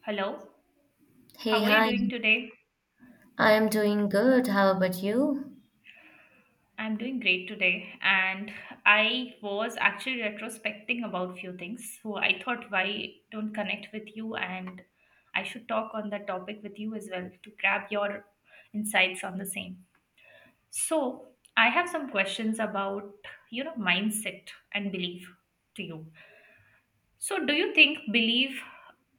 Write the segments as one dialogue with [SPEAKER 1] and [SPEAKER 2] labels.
[SPEAKER 1] Hello,
[SPEAKER 2] Hey,
[SPEAKER 1] how are you
[SPEAKER 2] hi.
[SPEAKER 1] doing today?
[SPEAKER 2] I am doing good. How about you?
[SPEAKER 1] I'm doing great today, and I was actually retrospecting about few things. So I thought, why don't connect with you, and I should talk on that topic with you as well to grab your insights on the same. So I have some questions about mindset and belief to you. So do you think belief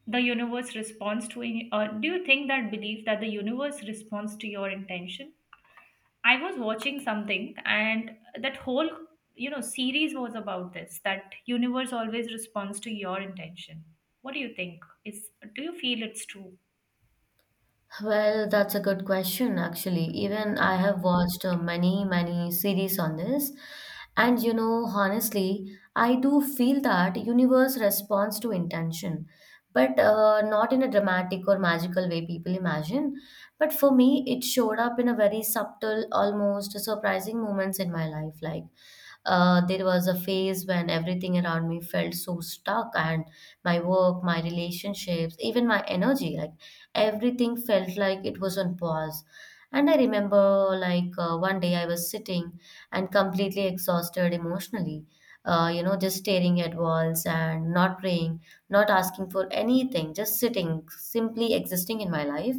[SPEAKER 1] the universe responds to, or do you think that belief that the universe responds to your intention? I was watching something, and that whole series was about this. That universe always responds to your intention. What do you think? Is Do you feel it's true?
[SPEAKER 2] Well, that's a good question, actually. Even I
[SPEAKER 1] Yeah.
[SPEAKER 2] have watched many, many series on this. And you know, honestly, I do feel that universe responds to intention, but not in a dramatic or magical way people imagine. But for me, it showed up in a very subtle, almost surprising moments in my life, like there was a phase when everything around me felt so stuck, and my work, my relationships, even my energy like everything felt like it was on pause. And I remember, one day I was sitting and completely exhausted emotionally, just staring at walls and not praying, not asking for anything, just sitting, simply existing in my life.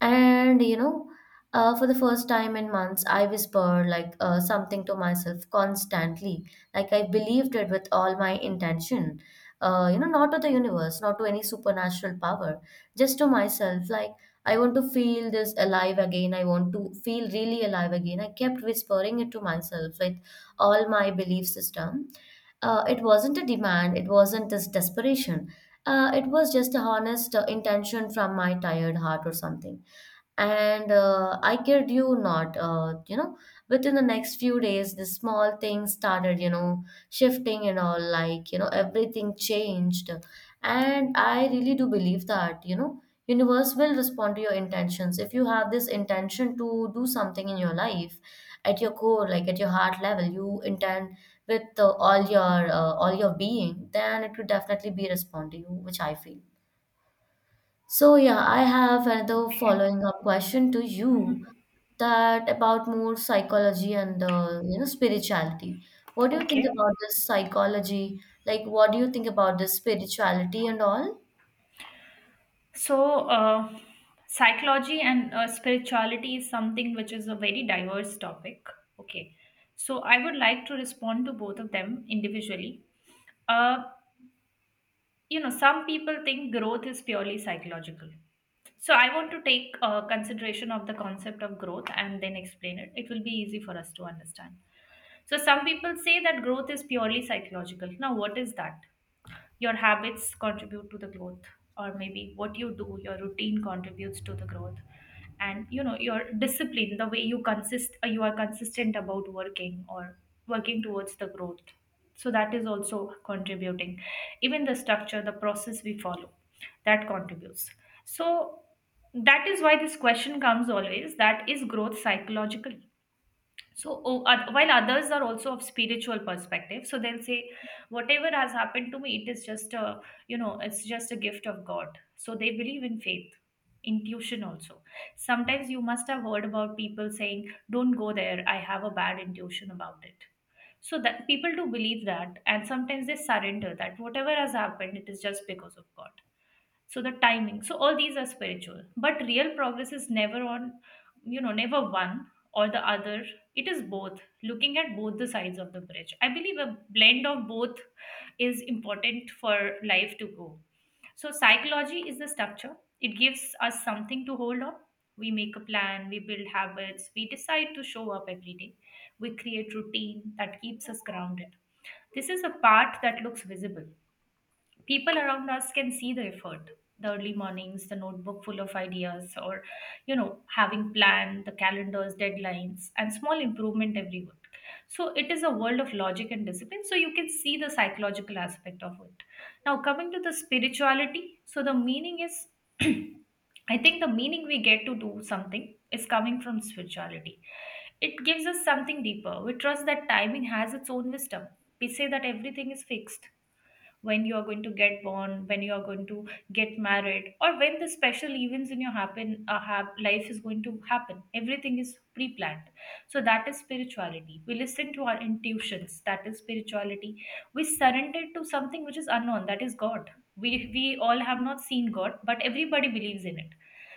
[SPEAKER 2] And you know, for the first time in months, I whispered something to myself constantly. Like I believed it with all my intention. Not to the universe, not to any supernatural power, just to myself. Like I want to feel this alive again. I want to feel really alive again. I kept whispering it to myself with all my belief system. It wasn't a demand. It wasn't this desperation. It was just a honest intention from my tired heart or something, and I kid you not, within the next few days, the small things started, shifting and all, like, you know, everything changed. And I really do believe that, you know, universe will respond to your intentions. If you have this intention to do something in your life at your core, like at your heart level, you intend with all your being, then it could definitely be respond to you, which I feel. So yeah, I have another
[SPEAKER 1] Okay.
[SPEAKER 2] following up question to you
[SPEAKER 1] Hmm.
[SPEAKER 2] that about more psychology and you know spirituality. What do you think
[SPEAKER 1] Okay.
[SPEAKER 2] about this psychology? Like, what do you think about this spirituality and all?
[SPEAKER 1] So, psychology and spirituality is something which is a very diverse topic. Okay. So, I would like to respond to both of them individually. Uh, some people think growth is purely psychological, so I want to take consideration of the concept of growth and then explain it. It will be easy for us to understand. So some people say that growth is purely psychological. Now what is that? Your habits contribute to the growth, or maybe what you do, your routine contributes to the growth. And your discipline, the way you consist you are consistent about working or working towards the growth, so that is also contributing. Even the structure, the process we follow, that contributes. So that is why this question comes always, that is growth psychological. So, while others are also of spiritual perspective, so they'll say, whatever has happened to me, it is just a it's just a gift of God. So they believe in faith, intuition also. Sometimes you must have heard about people saying, don't go there, I have a bad intuition about it. So that people do believe that, and sometimes they surrender that whatever has happened, it is just because of God, so the timing. So all these are spiritual, but real progress is never on, never one or the other. It is both. Looking at both the sides of the bridge, I believe a blend of both is important for life to go. So psychology is the structure, it gives us something to hold on. We make a plan, we build habits, we decide to show up every day, we create routine that keeps us grounded. This is a part that looks visible. People around us can see the effort, the early mornings, the notebook full of ideas, or having planned the calendars, deadlines, and small improvement every week. So it is a world of logic and discipline, so you can see the psychological aspect of it. Now coming to the spirituality, so the meaning is, I think the meaning we get to do something is coming from spirituality. It gives us something deeper. We trust that timing has its own wisdom. We say that everything is fixed. When you are going to get born, when you are going to get married, or when the special events in your happen have life is going to happen. Everything is pre-planned. So that is spirituality. We listen to our intuitions. That is spirituality. We surrender to something which is unknown. That is God. We all have not seen God, but everybody believes in it.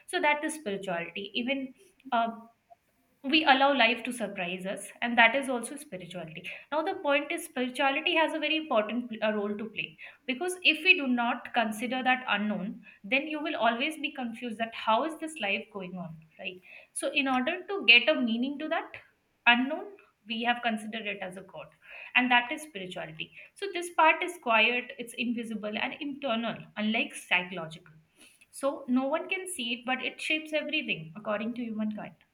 [SPEAKER 1] So that is spirituality. Even uh, we allow life to surprise us, and that is also spirituality. Now the point is spirituality has a very important role to play, because if we do not consider that unknown, then you will always be confused that how is this life going on, right? So in order to get a meaning to that unknown, we have considered it as a god, and that is spirituality. So this part is quiet, it's invisible and internal, unlike psychological. So no one can see it, but it shapes everything according to humankind.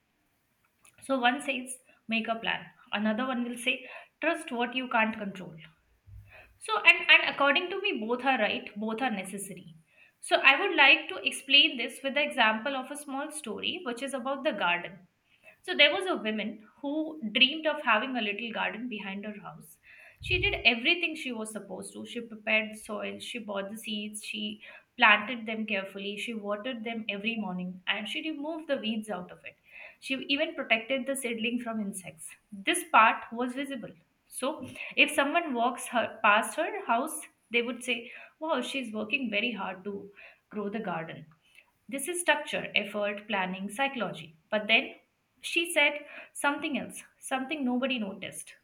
[SPEAKER 1] So one says, make a plan. Another one will say, trust what you can't control. So and according to me, both are right. Both are necessary. So I would like to explain this with the example of a small story, which is about the garden. So there was a woman who dreamed of having a little garden behind her house. She did everything she was supposed to. She prepared the soil, she bought the seeds, she planted them carefully, she watered them every morning, and she removed the weeds out of it. She even protected the seedling from insects. This part was visible. So if someone walks her past her house, they would say, wow, she's working very hard to grow the garden. This is structure, effort, planning, psychology. But then she said something else, something nobody noticed.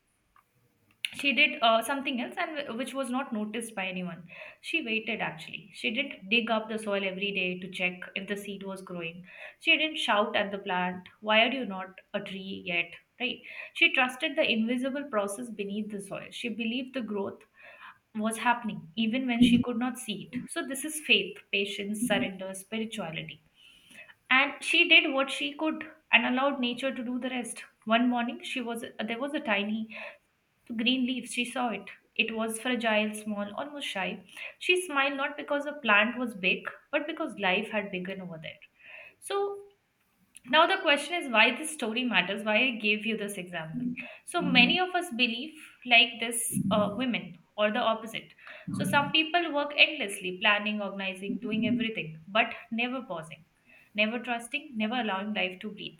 [SPEAKER 1] She did something else, and which was not noticed by anyone. She waited actually. She didn't dig up the soil every day to check if the seed was growing. She didn't shout at the plant, "Why are you not a tree yet?" Right? She trusted the invisible process beneath the soil. She believed the growth was happening even when she could not see it. So this is faith, patience, surrender, spirituality. And she did what she could and allowed nature to do the rest. One morning, she was there was a tiny green leaf. She saw it. It was fragile, small, almost shy. She smiled, not because the plant was big, but because life had begun over there. So now, the question is why this story matters, why I gave you this example. So, many of us believe like this women, or the opposite. So, some people work endlessly, planning, organizing, doing everything, but never pausing, never trusting, never allowing life to breathe.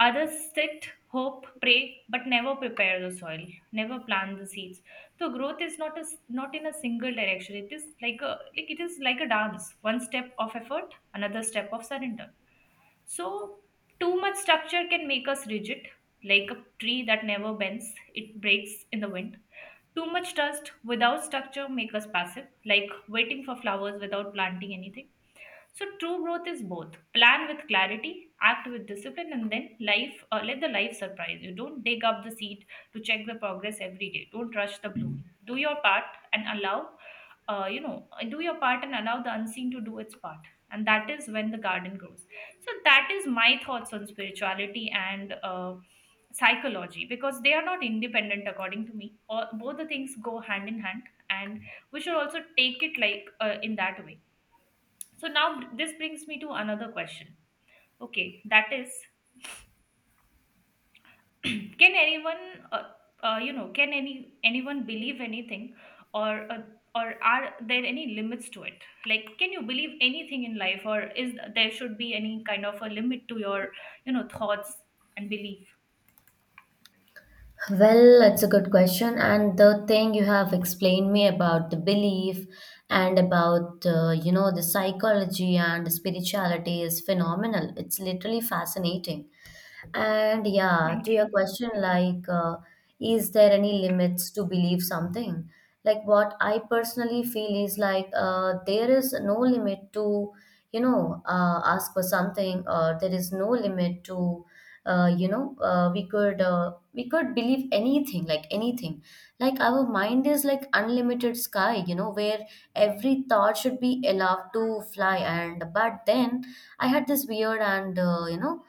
[SPEAKER 1] Others sit, hope, pray, but never prepare the soil, never plant the seeds. So growth is not not in a single direction. It is like a like it is like a dance. One step of effort, another step of surrender. So, too much structure can make us rigid, like a tree that never bends, it breaks in the wind. Too much trust without structure make us passive, like waiting for flowers without planting anything. So true growth is both. Plan with clarity, act with discipline, and then life let the life surprise you. Don't dig up the seed to check the progress every day. Don't rush the blooming. Do your part and do your part and allow the unseen to do its part. And that is when the garden grows. So that is my thoughts on spirituality and psychology, because they are not independent according to me. Or both the things go hand in hand, and we should also take it like in that way. So now this brings me to another question. Okay, that is, can anyone, can anyone believe anything, or uh, or are there any limits to it? Like, can you believe anything in life, or is there should be any kind of a limit to your, thoughts and belief?
[SPEAKER 2] Well, that's a good question, and the thing you have explained me about the belief and about you know the psychology and the spirituality is phenomenal. It's literally fascinating. And yeah, to
[SPEAKER 1] Thank
[SPEAKER 2] your
[SPEAKER 1] you.
[SPEAKER 2] question, is there any limits to believe something? Like, what I personally feel is like there is no limit to, you know, ask for something, or there is no limit to, we could believe anything. Like our mind is like unlimited sky, you know, where every thought should be allowed to fly. And but then I had this weird and uh, you know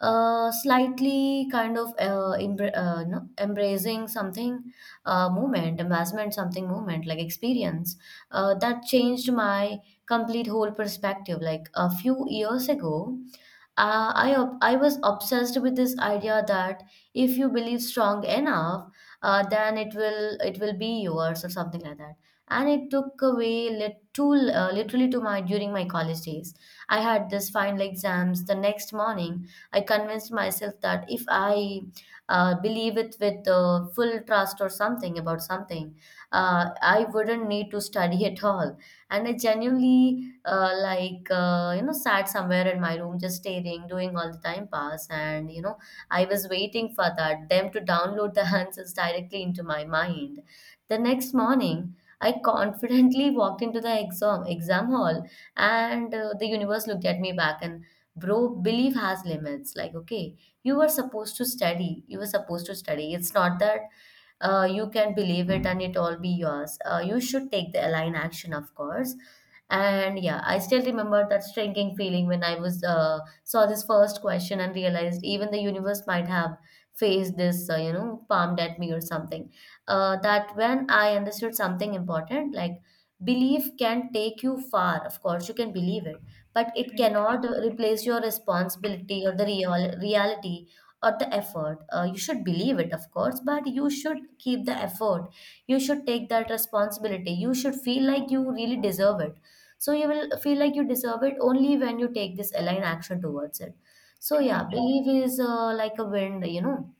[SPEAKER 2] uh, slightly kind of embracing something movement, embarrassment, something movement, like experience. That changed my complete whole perspective. Like a few years ago, I was obsessed with this idea that if you believe strong enough, then it will be yours or something like that. And it took away literally to my during my college days. I had this final exams the next morning. I convinced myself that if I believe it with full trust or something about something, I wouldn't need to study at all. And I genuinely you know sat somewhere in my room just staring doing all the time pass, and you know I was waiting for that them to download the answers directly into my mind. The next morning I confidently walked into the exam hall, and the universe looked at me back and bro belief has limits, like okay, you were supposed to study, you were supposed to study. It's not that you can believe it and it all be yours. You should take the align action, of course. And yeah, I still remember that shrinking feeling when I was saw this first question and realized even the universe might have faced this, palmed at me or something. That when I understood something important, like belief can take you far. Of course, you can believe it, but it
[SPEAKER 1] Right.
[SPEAKER 2] cannot replace your responsibility or the real reality or the effort. You should believe it, of course, but you should keep the effort. You should take that responsibility. You should feel like you really deserve it, so you will feel like you deserve it only when you take this aligned action towards it. So yeah,
[SPEAKER 1] Right.
[SPEAKER 2] belief is like a wind, you know,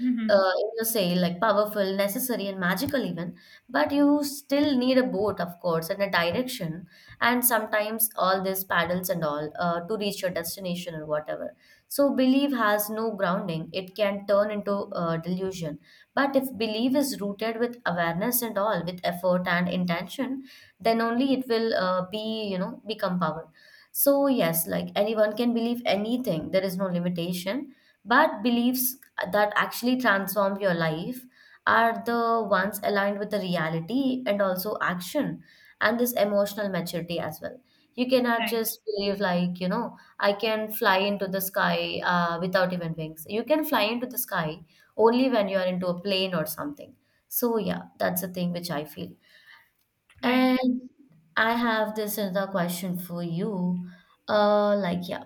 [SPEAKER 1] Mm-hmm.
[SPEAKER 2] in your sail, like powerful, necessary, and magical even. But you still need a boat, of course, and a direction, and sometimes all these paddles and all to reach your destination or whatever. So belief has no grounding; it can turn into delusion. But if belief is rooted with awareness and all, with effort and intention, then only it will become power. So yes, like anyone can believe anything. There is no limitation, but beliefs that actually transform your life are the ones aligned with the reality and also action and this emotional maturity as well. You cannot
[SPEAKER 1] Right.
[SPEAKER 2] just believe, like, you know, I can fly into the sky without even wings. You can fly into the sky only when you are into a plane or something. So, yeah, that's the thing which I feel.
[SPEAKER 1] Right.
[SPEAKER 2] And I have this another question for you. Uh, like, yeah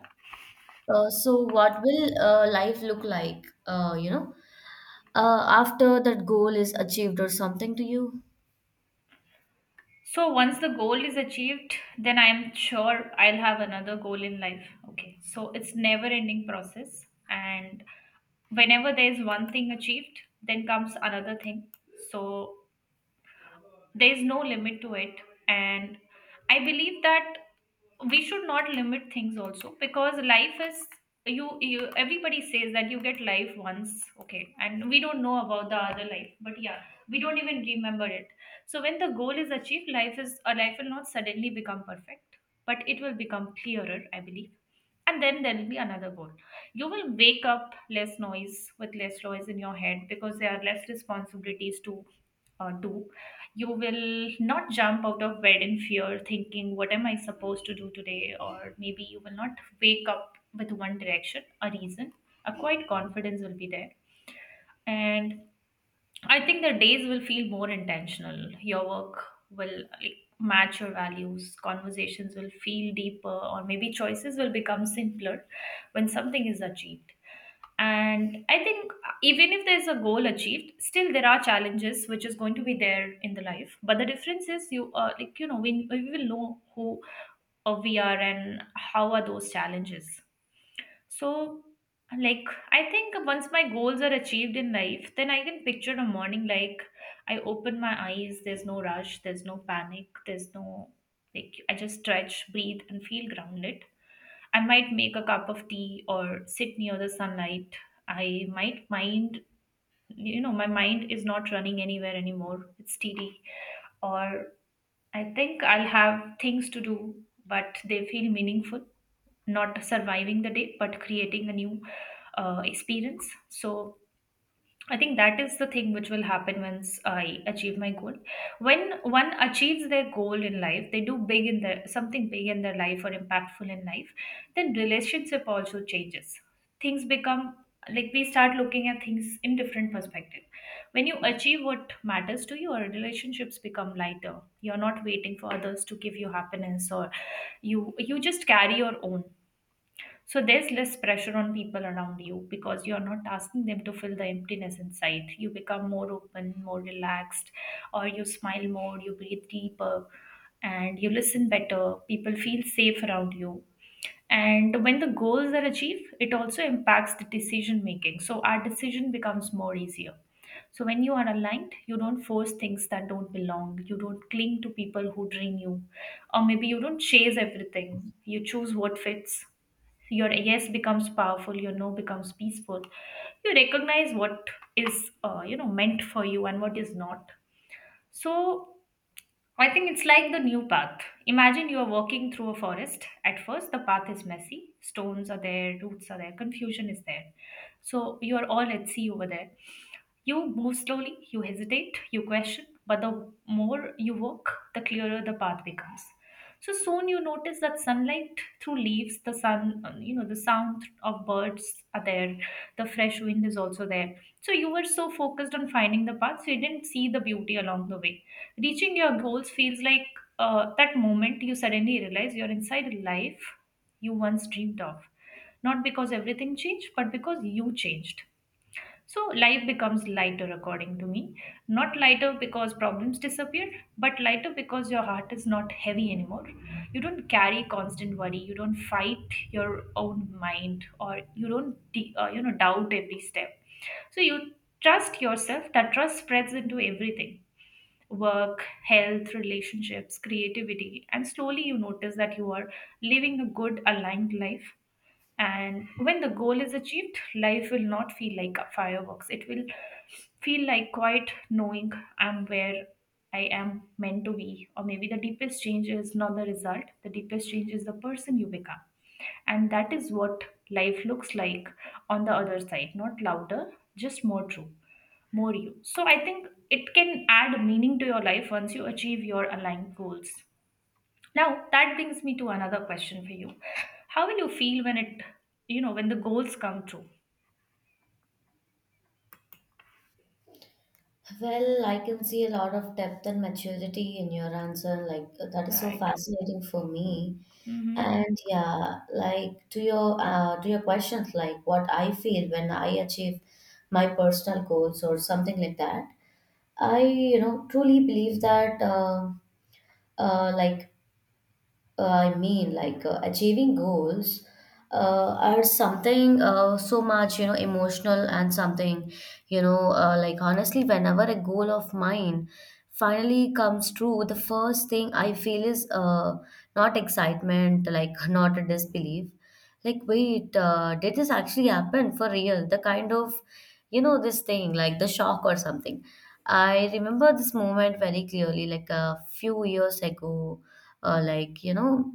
[SPEAKER 2] so what will life look like, after that goal is achieved or something to you?
[SPEAKER 1] So once the goal is achieved, then I'm sure I'll have another goal in life. Okay. So it's never ending process, and whenever there's one thing achieved, then comes another thing. So there's no limit to it, and I believe that we should not limit things also, because life is, you, everybody says that you get life once, okay, and we don't know about the other life, but yeah, we don't even remember it. So when the goal is achieved, life is a life will not suddenly become perfect, but it will become clearer, I believe. And then there will be another goal. You will wake up less noise with less noise in your head, because there are less responsibilities to do. You will not jump out of bed in fear, thinking, what am I supposed to do today? Or maybe you will not wake up with one direction, a reason. A quiet confidence will be there. And I think the days will feel more intentional. Your work will, like, match your values, conversations will feel deeper, or maybe choices will become simpler when something is achieved. And I think even if there's a goal achieved, still there are challenges which is going to be there in the life. But the difference is you like you know we will know who we are and how are those challenges. So like I think once my goals are achieved in life, then I can picture a morning like I open my eyes. There's no rush. There's no panic. There's no, like I just stretch, breathe, and feel grounded. I might make a cup of tea or sit near the sunlight. I might mind, you know, My mind is not running anywhere anymore. It's steady. Or I think I'll have things to do, but they feel meaningful, not surviving the day, but creating a new experience. So I think that is the thing which will happen once I achieve my goal. When one achieves their goal in life, they do big in their something big in their life or impactful in life, then relationship also changes. Things become, like, we start looking at things in different perspective. When you achieve what matters to you, your relationships become lighter. You're not waiting for others to give you happiness, or you just carry your own. So there's less pressure on people around you because you're not asking them to fill the emptiness inside. You become more open, more relaxed, or you smile more, you breathe deeper, and you listen better. People feel safe around you. And when the goals are achieved, it also impacts the decision making. So our decision becomes more easier. So when you are aligned, you don't force things that don't belong. You don't cling to people who drain you. Or maybe you don't chase everything. You choose what fits. Your yes becomes powerful, your no becomes peaceful. You recognize what is meant for you and what is not. So I think it's like the new path. Imagine you are walking through a forest. At first, the path is messy. Stones are there, roots are there, confusion is there. So you are all at sea over there. You move slowly, you hesitate, you question, but the more you walk, the clearer the path becomes. So soon you notice that sunlight through leaves, the sun, you know, the sound of birds are there, the fresh wind is also there. So you were so focused on finding the path, so you didn't see the beauty along the way. Reaching your goals feels like that moment you suddenly realize you're inside a life you once dreamed of. Not because everything changed, but because you changed. So life becomes lighter, according to me. Not lighter because problems disappear, but lighter because your heart is not heavy anymore. You don't carry constant worry. You don't fight your own mind, or you don't doubt every step. So you trust yourself. That trust spreads into everything: work, health, relationships, creativity, and slowly you notice that you are living a good, aligned life. And when the goal is achieved, life will not feel like a fireworks. It will feel like quite knowing I'm where I am meant to be. Or maybe the deepest change is not the result, the deepest change is the person you become. And that is what life looks like on the other side, not louder, just more true, more you. So I think it can add meaning to your life once you achieve your aligned goals. Now that brings me to another question for you. How will you feel when it, you know, when the goals come true?
[SPEAKER 2] Well, I can see a lot of depth and maturity in your answer. Like, that is so
[SPEAKER 1] Right.
[SPEAKER 2] fascinating for me.
[SPEAKER 1] Mm-hmm.
[SPEAKER 2] And yeah, like to your questions, like what I feel when I achieve my personal goals or something like that. I, you know, truly believe that uh, like I mean, achieving goals are something so much, you know, emotional and something, you know, like honestly, whenever a goal of mine finally comes true, the first thing I feel is not excitement, like not a disbelief. Like, wait, did this actually happen for real? The kind of, you know, this thing, like the shock or something. I remember this moment very clearly, like a few years ago uh, like you know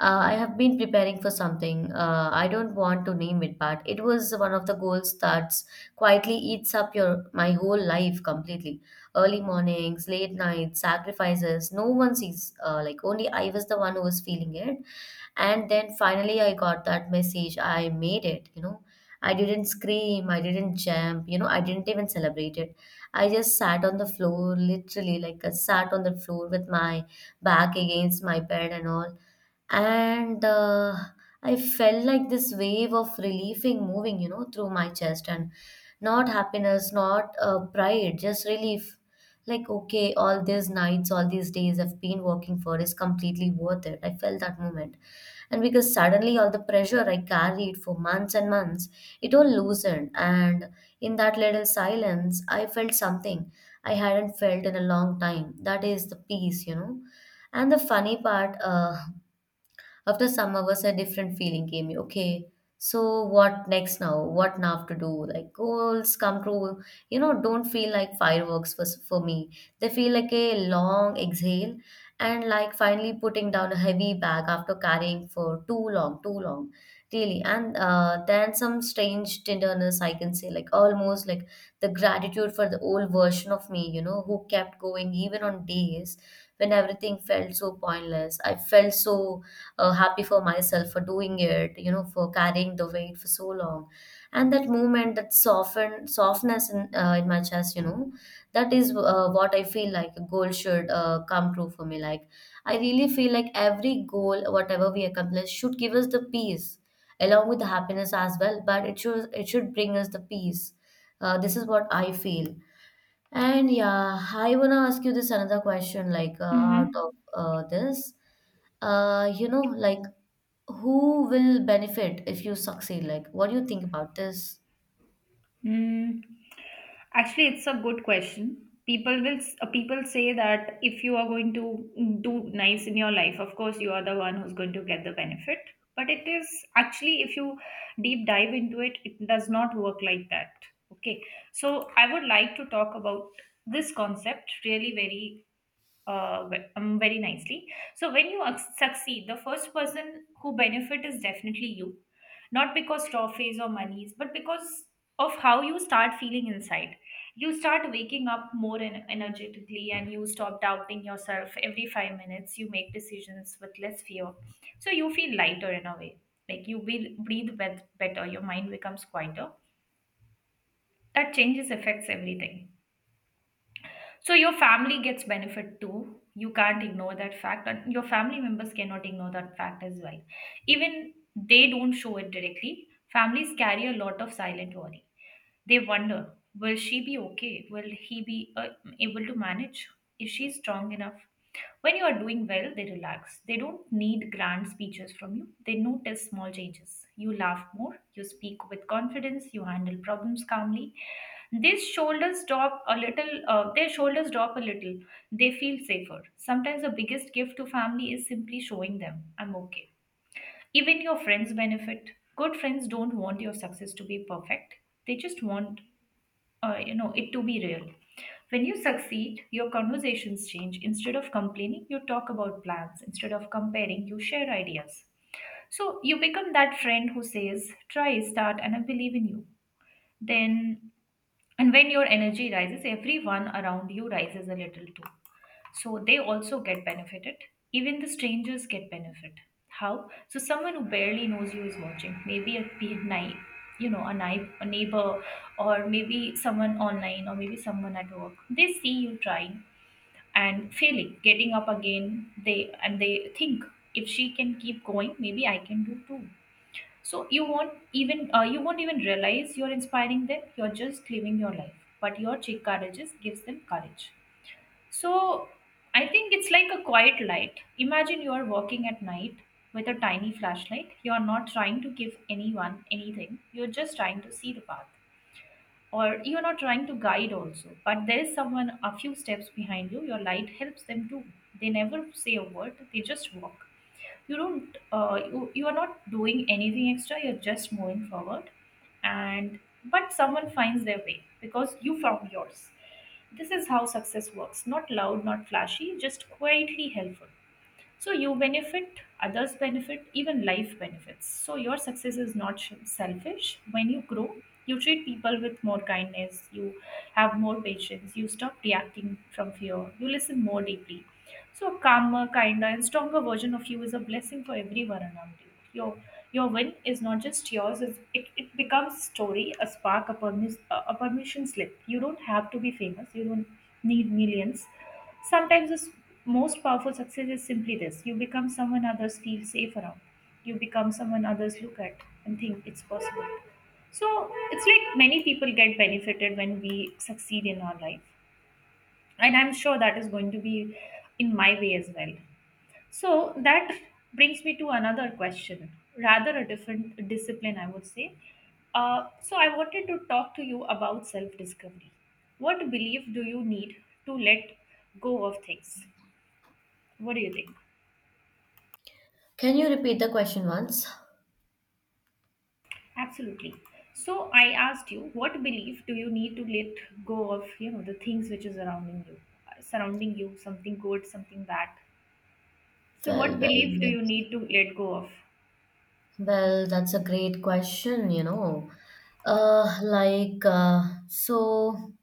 [SPEAKER 2] I have been preparing for something. I don't want to name it, but it was one of the goals that quietly eats up your my whole life completely. Early mornings, late nights, sacrifices. No one sees. Like only I was the one who was feeling it. And then finally, I got that message. I made it. You know, I didn't scream. I didn't jump. You know, I didn't even celebrate it. I just sat on the floor, literally, like I sat on the floor with my back against my bed and all, and I felt like this wave of relieving moving, you know, through my chest, and not happiness, not pride, just relief. Like okay, all these nights, all these days I've been working for is completely worth it, I felt that moment. And because suddenly all the pressure I carried for months and months, it all loosened, and in that little silence I felt something I hadn't felt in a long time, that is the peace, you know. And the funny part, after some hours, a different feeling came. Okay, so what next now? What now to do? Like goals come true, you know, don't feel like fireworks for me. They feel like a long exhale and like finally putting down a heavy bag after carrying for too long, too long. Really, and then some strange tenderness, I can say, like almost like the gratitude for the old version of me, you know, who kept going even on days when everything felt so pointless. I felt so happy for myself for doing it, you know, for carrying the weight for so long. And that movement, that soften softness in my chest, you know, that is what I feel like a goal should come true for me. Like I really feel like every goal, whatever we accomplish, should give us the peace along with the happiness as well. But it should bring us the peace. This is what I feel. And yeah, I wanna ask you this another question, like out of
[SPEAKER 1] Mm-hmm.
[SPEAKER 2] this, like who will benefit if you succeed? Like, what do you think about this?
[SPEAKER 1] Mm. Actually, it's a good question. People say that if you are going to do nice in your life, of course you are the one who's going to get the benefit. But it is actually, if you deep dive into it, it does not work like that. Okay. So I would like to talk about this concept really very very nicely. So when you succeed, the first person who benefit is definitely you, not because trophies or monies, but because of how you start feeling inside. You start waking up more energetically, and you stop doubting yourself every 5 minutes. You make decisions with less fear, so you feel lighter in a way. Like you breathe better, your mind becomes quieter. That changes affects everything. So your family gets benefit too. You can't ignore that fact, and your family members cannot ignore that fact as well. Even they don't show it directly. Families carry a lot of silent worry. They wonder, will she be okay? Will he be able to manage? Is she strong enough? When you are doing well, they relax. They don't need grand speeches from you. They notice small changes. You laugh more, you speak with confidence, you handle problems calmly. These shoulders drop a little, Their shoulders drop a little. They feel safer. Sometimes the biggest gift to family is simply showing them, I'm okay. Even your friends benefit. Good friends don't want your success to be perfect. They just want it to be real. When you succeed, your conversations change. Instead of complaining, you talk about plans. Instead of comparing, you share ideas. So you become that friend who says, try, start, and I believe in you. Then and when your energy rises, everyone around you rises a little too, so they also get benefited. Even the strangers get benefit. How so? Someone who barely knows you is watching, maybe a naive, a naive, a neighbor, or maybe someone online, or maybe someone at work. They see you trying and failing, getting up again, they think, if she can keep going, maybe I can do too. So you won't even realize you're inspiring them. You're just living your life, but your courage gives them courage. So I think it's like a quiet light. Imagine you are walking at night with a tiny flashlight. You are not trying to give anyone anything. You're just trying to see the path. Or you're not trying to guide also. But there is someone a few steps behind you. Your light helps them too. They never say a word, they just walk. You don't uh, you, you are not doing anything extra, you're just moving forward. And but someone finds their way because you found yours. This is how success works, not loud, not flashy, just quietly helpful. So you benefit, others benefit, even life benefits. So your success is not selfish. When you grow, you treat people with more kindness, you have more patience, you stop reacting from fear, you listen more deeply. So a calmer, kinder, and stronger version of you is a blessing for everyone around you. Your win is not just yours. It becomes a story, a spark, a permission slip. You don't have to be famous, you don't need millions. Sometimes the most powerful success is simply this: you become someone others feel safe around, you become someone others look at and think, it's possible. So it's like many people get benefited when we succeed in our life. And I'm sure that is going to be in my way as well. So that brings me to another question, rather a different discipline, I would say. So I wanted to talk to you about self discovery. What belief do you need to let go of things? What do you think?
[SPEAKER 2] Can you repeat the question once?
[SPEAKER 1] Absolutely. So I asked you, what belief do you need to let go of the things which is surrounding you, something good, something bad. So
[SPEAKER 2] Well,
[SPEAKER 1] what belief do
[SPEAKER 2] well,
[SPEAKER 1] you need to let go of?
[SPEAKER 2] well, that's a great question, you know. Uh, like, uh, so.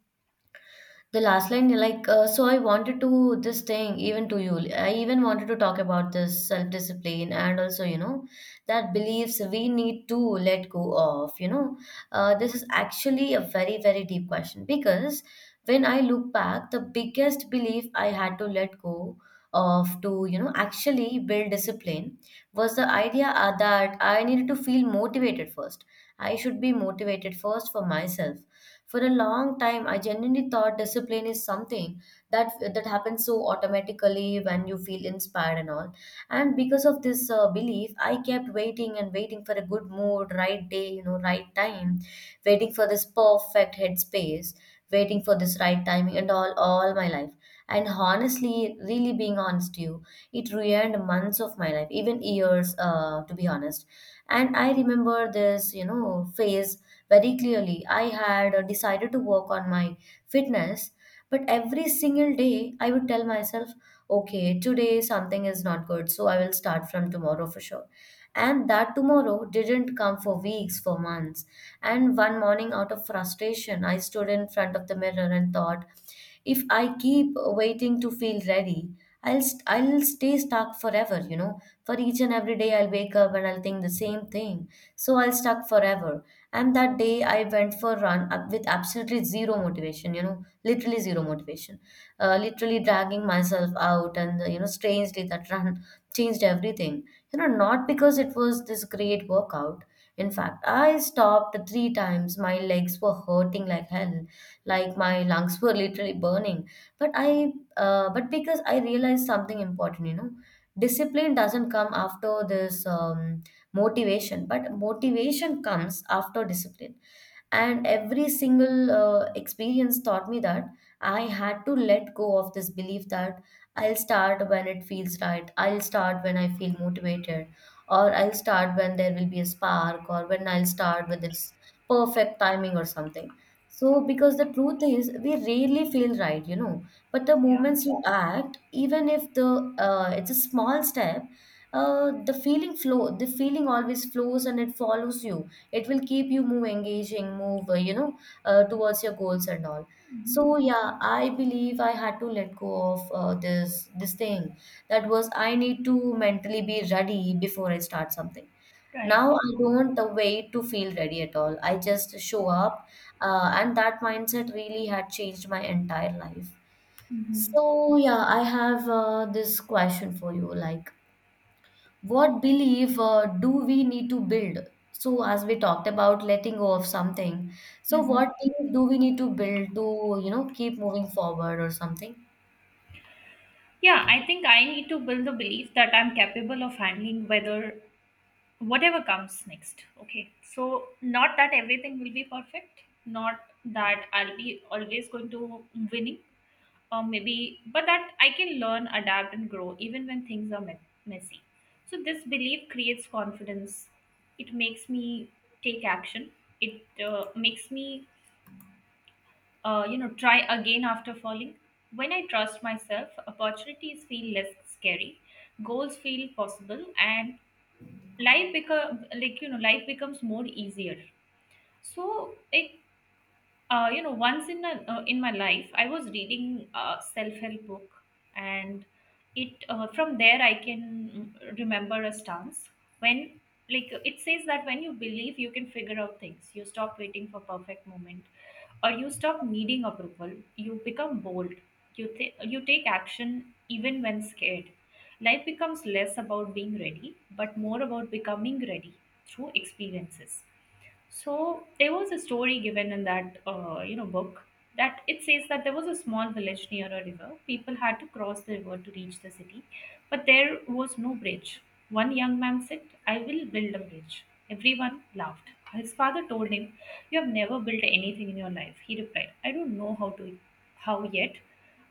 [SPEAKER 2] The last line, so I wanted to this thing even to you. I even wanted to talk about this self discipline and also, you know, that beliefs we need to let go of. You know, this is actually a very, very deep question because when I look back, the biggest belief I had to let go of to, you know, actually build discipline was the idea that I needed to feel motivated first. I should be motivated first for myself for a long time, I genuinely thought discipline is something that happens so automatically when you feel inspired and all. And because of this belief, I kept waiting and waiting for a good mood, right day, you know, right time, waiting for this perfect headspace, waiting for this right timing, and all my life. And honestly, really being honest to you, it ruined months of my life, even years, to be honest. And I remember this, you know, phase very clearly. I had decided to work on my fitness, but every single day I would tell myself, okay, today something is not good, so I will start from tomorrow for sure. And that tomorrow didn't come for weeks, for months. And one morning, out of frustration, I stood in front of the mirror and thought, if I keep waiting to feel ready, I'll stay stuck forever. You know, for each and every day I'll wake up and I'll think the same thing. So I'll stuck forever. And that day I went for a run up with absolutely zero motivation, you know, literally zero motivation. Literally dragging myself out and, you know, strangely that run changed everything. You know, not because it was this great workout. In fact, I stopped three times. My legs were hurting like hell, like my lungs were literally burning. But but because I realized something important, you know, discipline doesn't come after this. Motivation comes after discipline, and every single experience taught me that I had to let go of this belief that I'll start when it feels right, I'll start when I feel motivated, or I'll start when there will be a spark, or when I'll start with its perfect timing or something. So because the truth is we rarely feel right, you know, but the
[SPEAKER 1] Yeah.
[SPEAKER 2] moments you act, even if the it's a small step, the feeling always flows and it follows you, it will keep you move engaging move you know towards your goals and all. So
[SPEAKER 1] Hmm.
[SPEAKER 2] yeah, I believe I had to let go of this thing that was I need to mentally be ready before I start something. Now
[SPEAKER 1] Right.
[SPEAKER 2] I don't wait to feel ready at all, I just show up, and that mindset really had changed my entire life.
[SPEAKER 1] Hmm.
[SPEAKER 2] So yeah, I have this question for you, like what belief do we need to build? So, as we talked about letting go of something, so
[SPEAKER 1] Hmm.
[SPEAKER 2] what belief do we need to build to, you know, keep moving forward or something?
[SPEAKER 1] Yeah, I think I need to build the belief that I'm capable of handling whether whatever comes next. Okay. So not that everything will be perfect, not that I'll be always going to winning or maybe, but that I can learn, adapt, and grow even when things are messy. So this belief creates confidence. It makes me take action. It makes me, try again after falling. When I trust myself, opportunities feel less scary, goals feel possible, and life becomes more easier. So it, you know, once in my life, I was reading a self-help book. And it, from there I can, remember a stance. When, like, it says that when you believe you can figure out things, you stop waiting for perfect moment, or you stop needing approval. You become bold, you take action even when scared. Life becomes less about being ready, but more about becoming ready through experiences. So there was a story given in that book. That it says that there was a small village near a river. People had to cross the river to reach the city, but there was no bridge. One young man said, "I will build a bridge." Everyone laughed. His father told him, "You have never built anything in your life." He replied, "I don't know how to, how yet,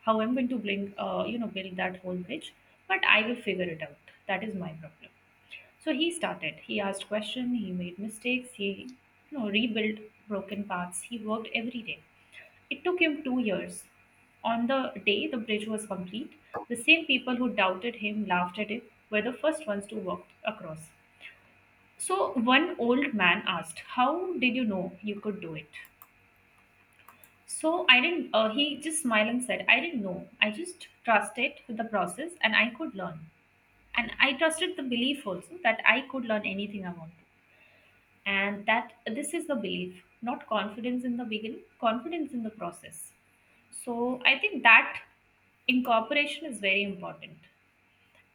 [SPEAKER 1] how I'm going to build, build that whole bridge, but I will figure it out. That is my problem." So he started. He asked questions. He made mistakes. He rebuilt broken paths. He worked every day. It took him 2 years. On the day the bridge was complete, the same people who doubted him, laughed at him, were the first ones to walk across. So one old man asked, how did you know you could do it? So I didn't, He just smiled and said, I didn't know. I just trusted the process and I could learn. And I trusted the belief also that I could learn anything I want. And that this is the belief, not confidence in the beginning, confidence in the process. So I think that incorporation is very important,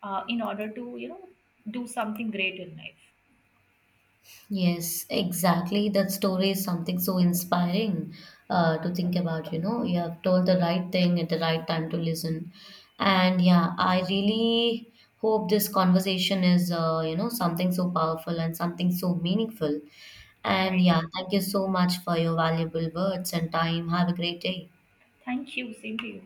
[SPEAKER 1] in order to do something great in life.
[SPEAKER 2] Yes, exactly. That story is something so inspiring to think about. You know, you have told the right thing at the right time to listen. And yeah, I really hope this conversation is, you know, something so powerful and something so meaningful. And
[SPEAKER 1] Right.
[SPEAKER 2] yeah, thank you so much for your valuable words and time. Have a great day.
[SPEAKER 1] Thank you. Same to you.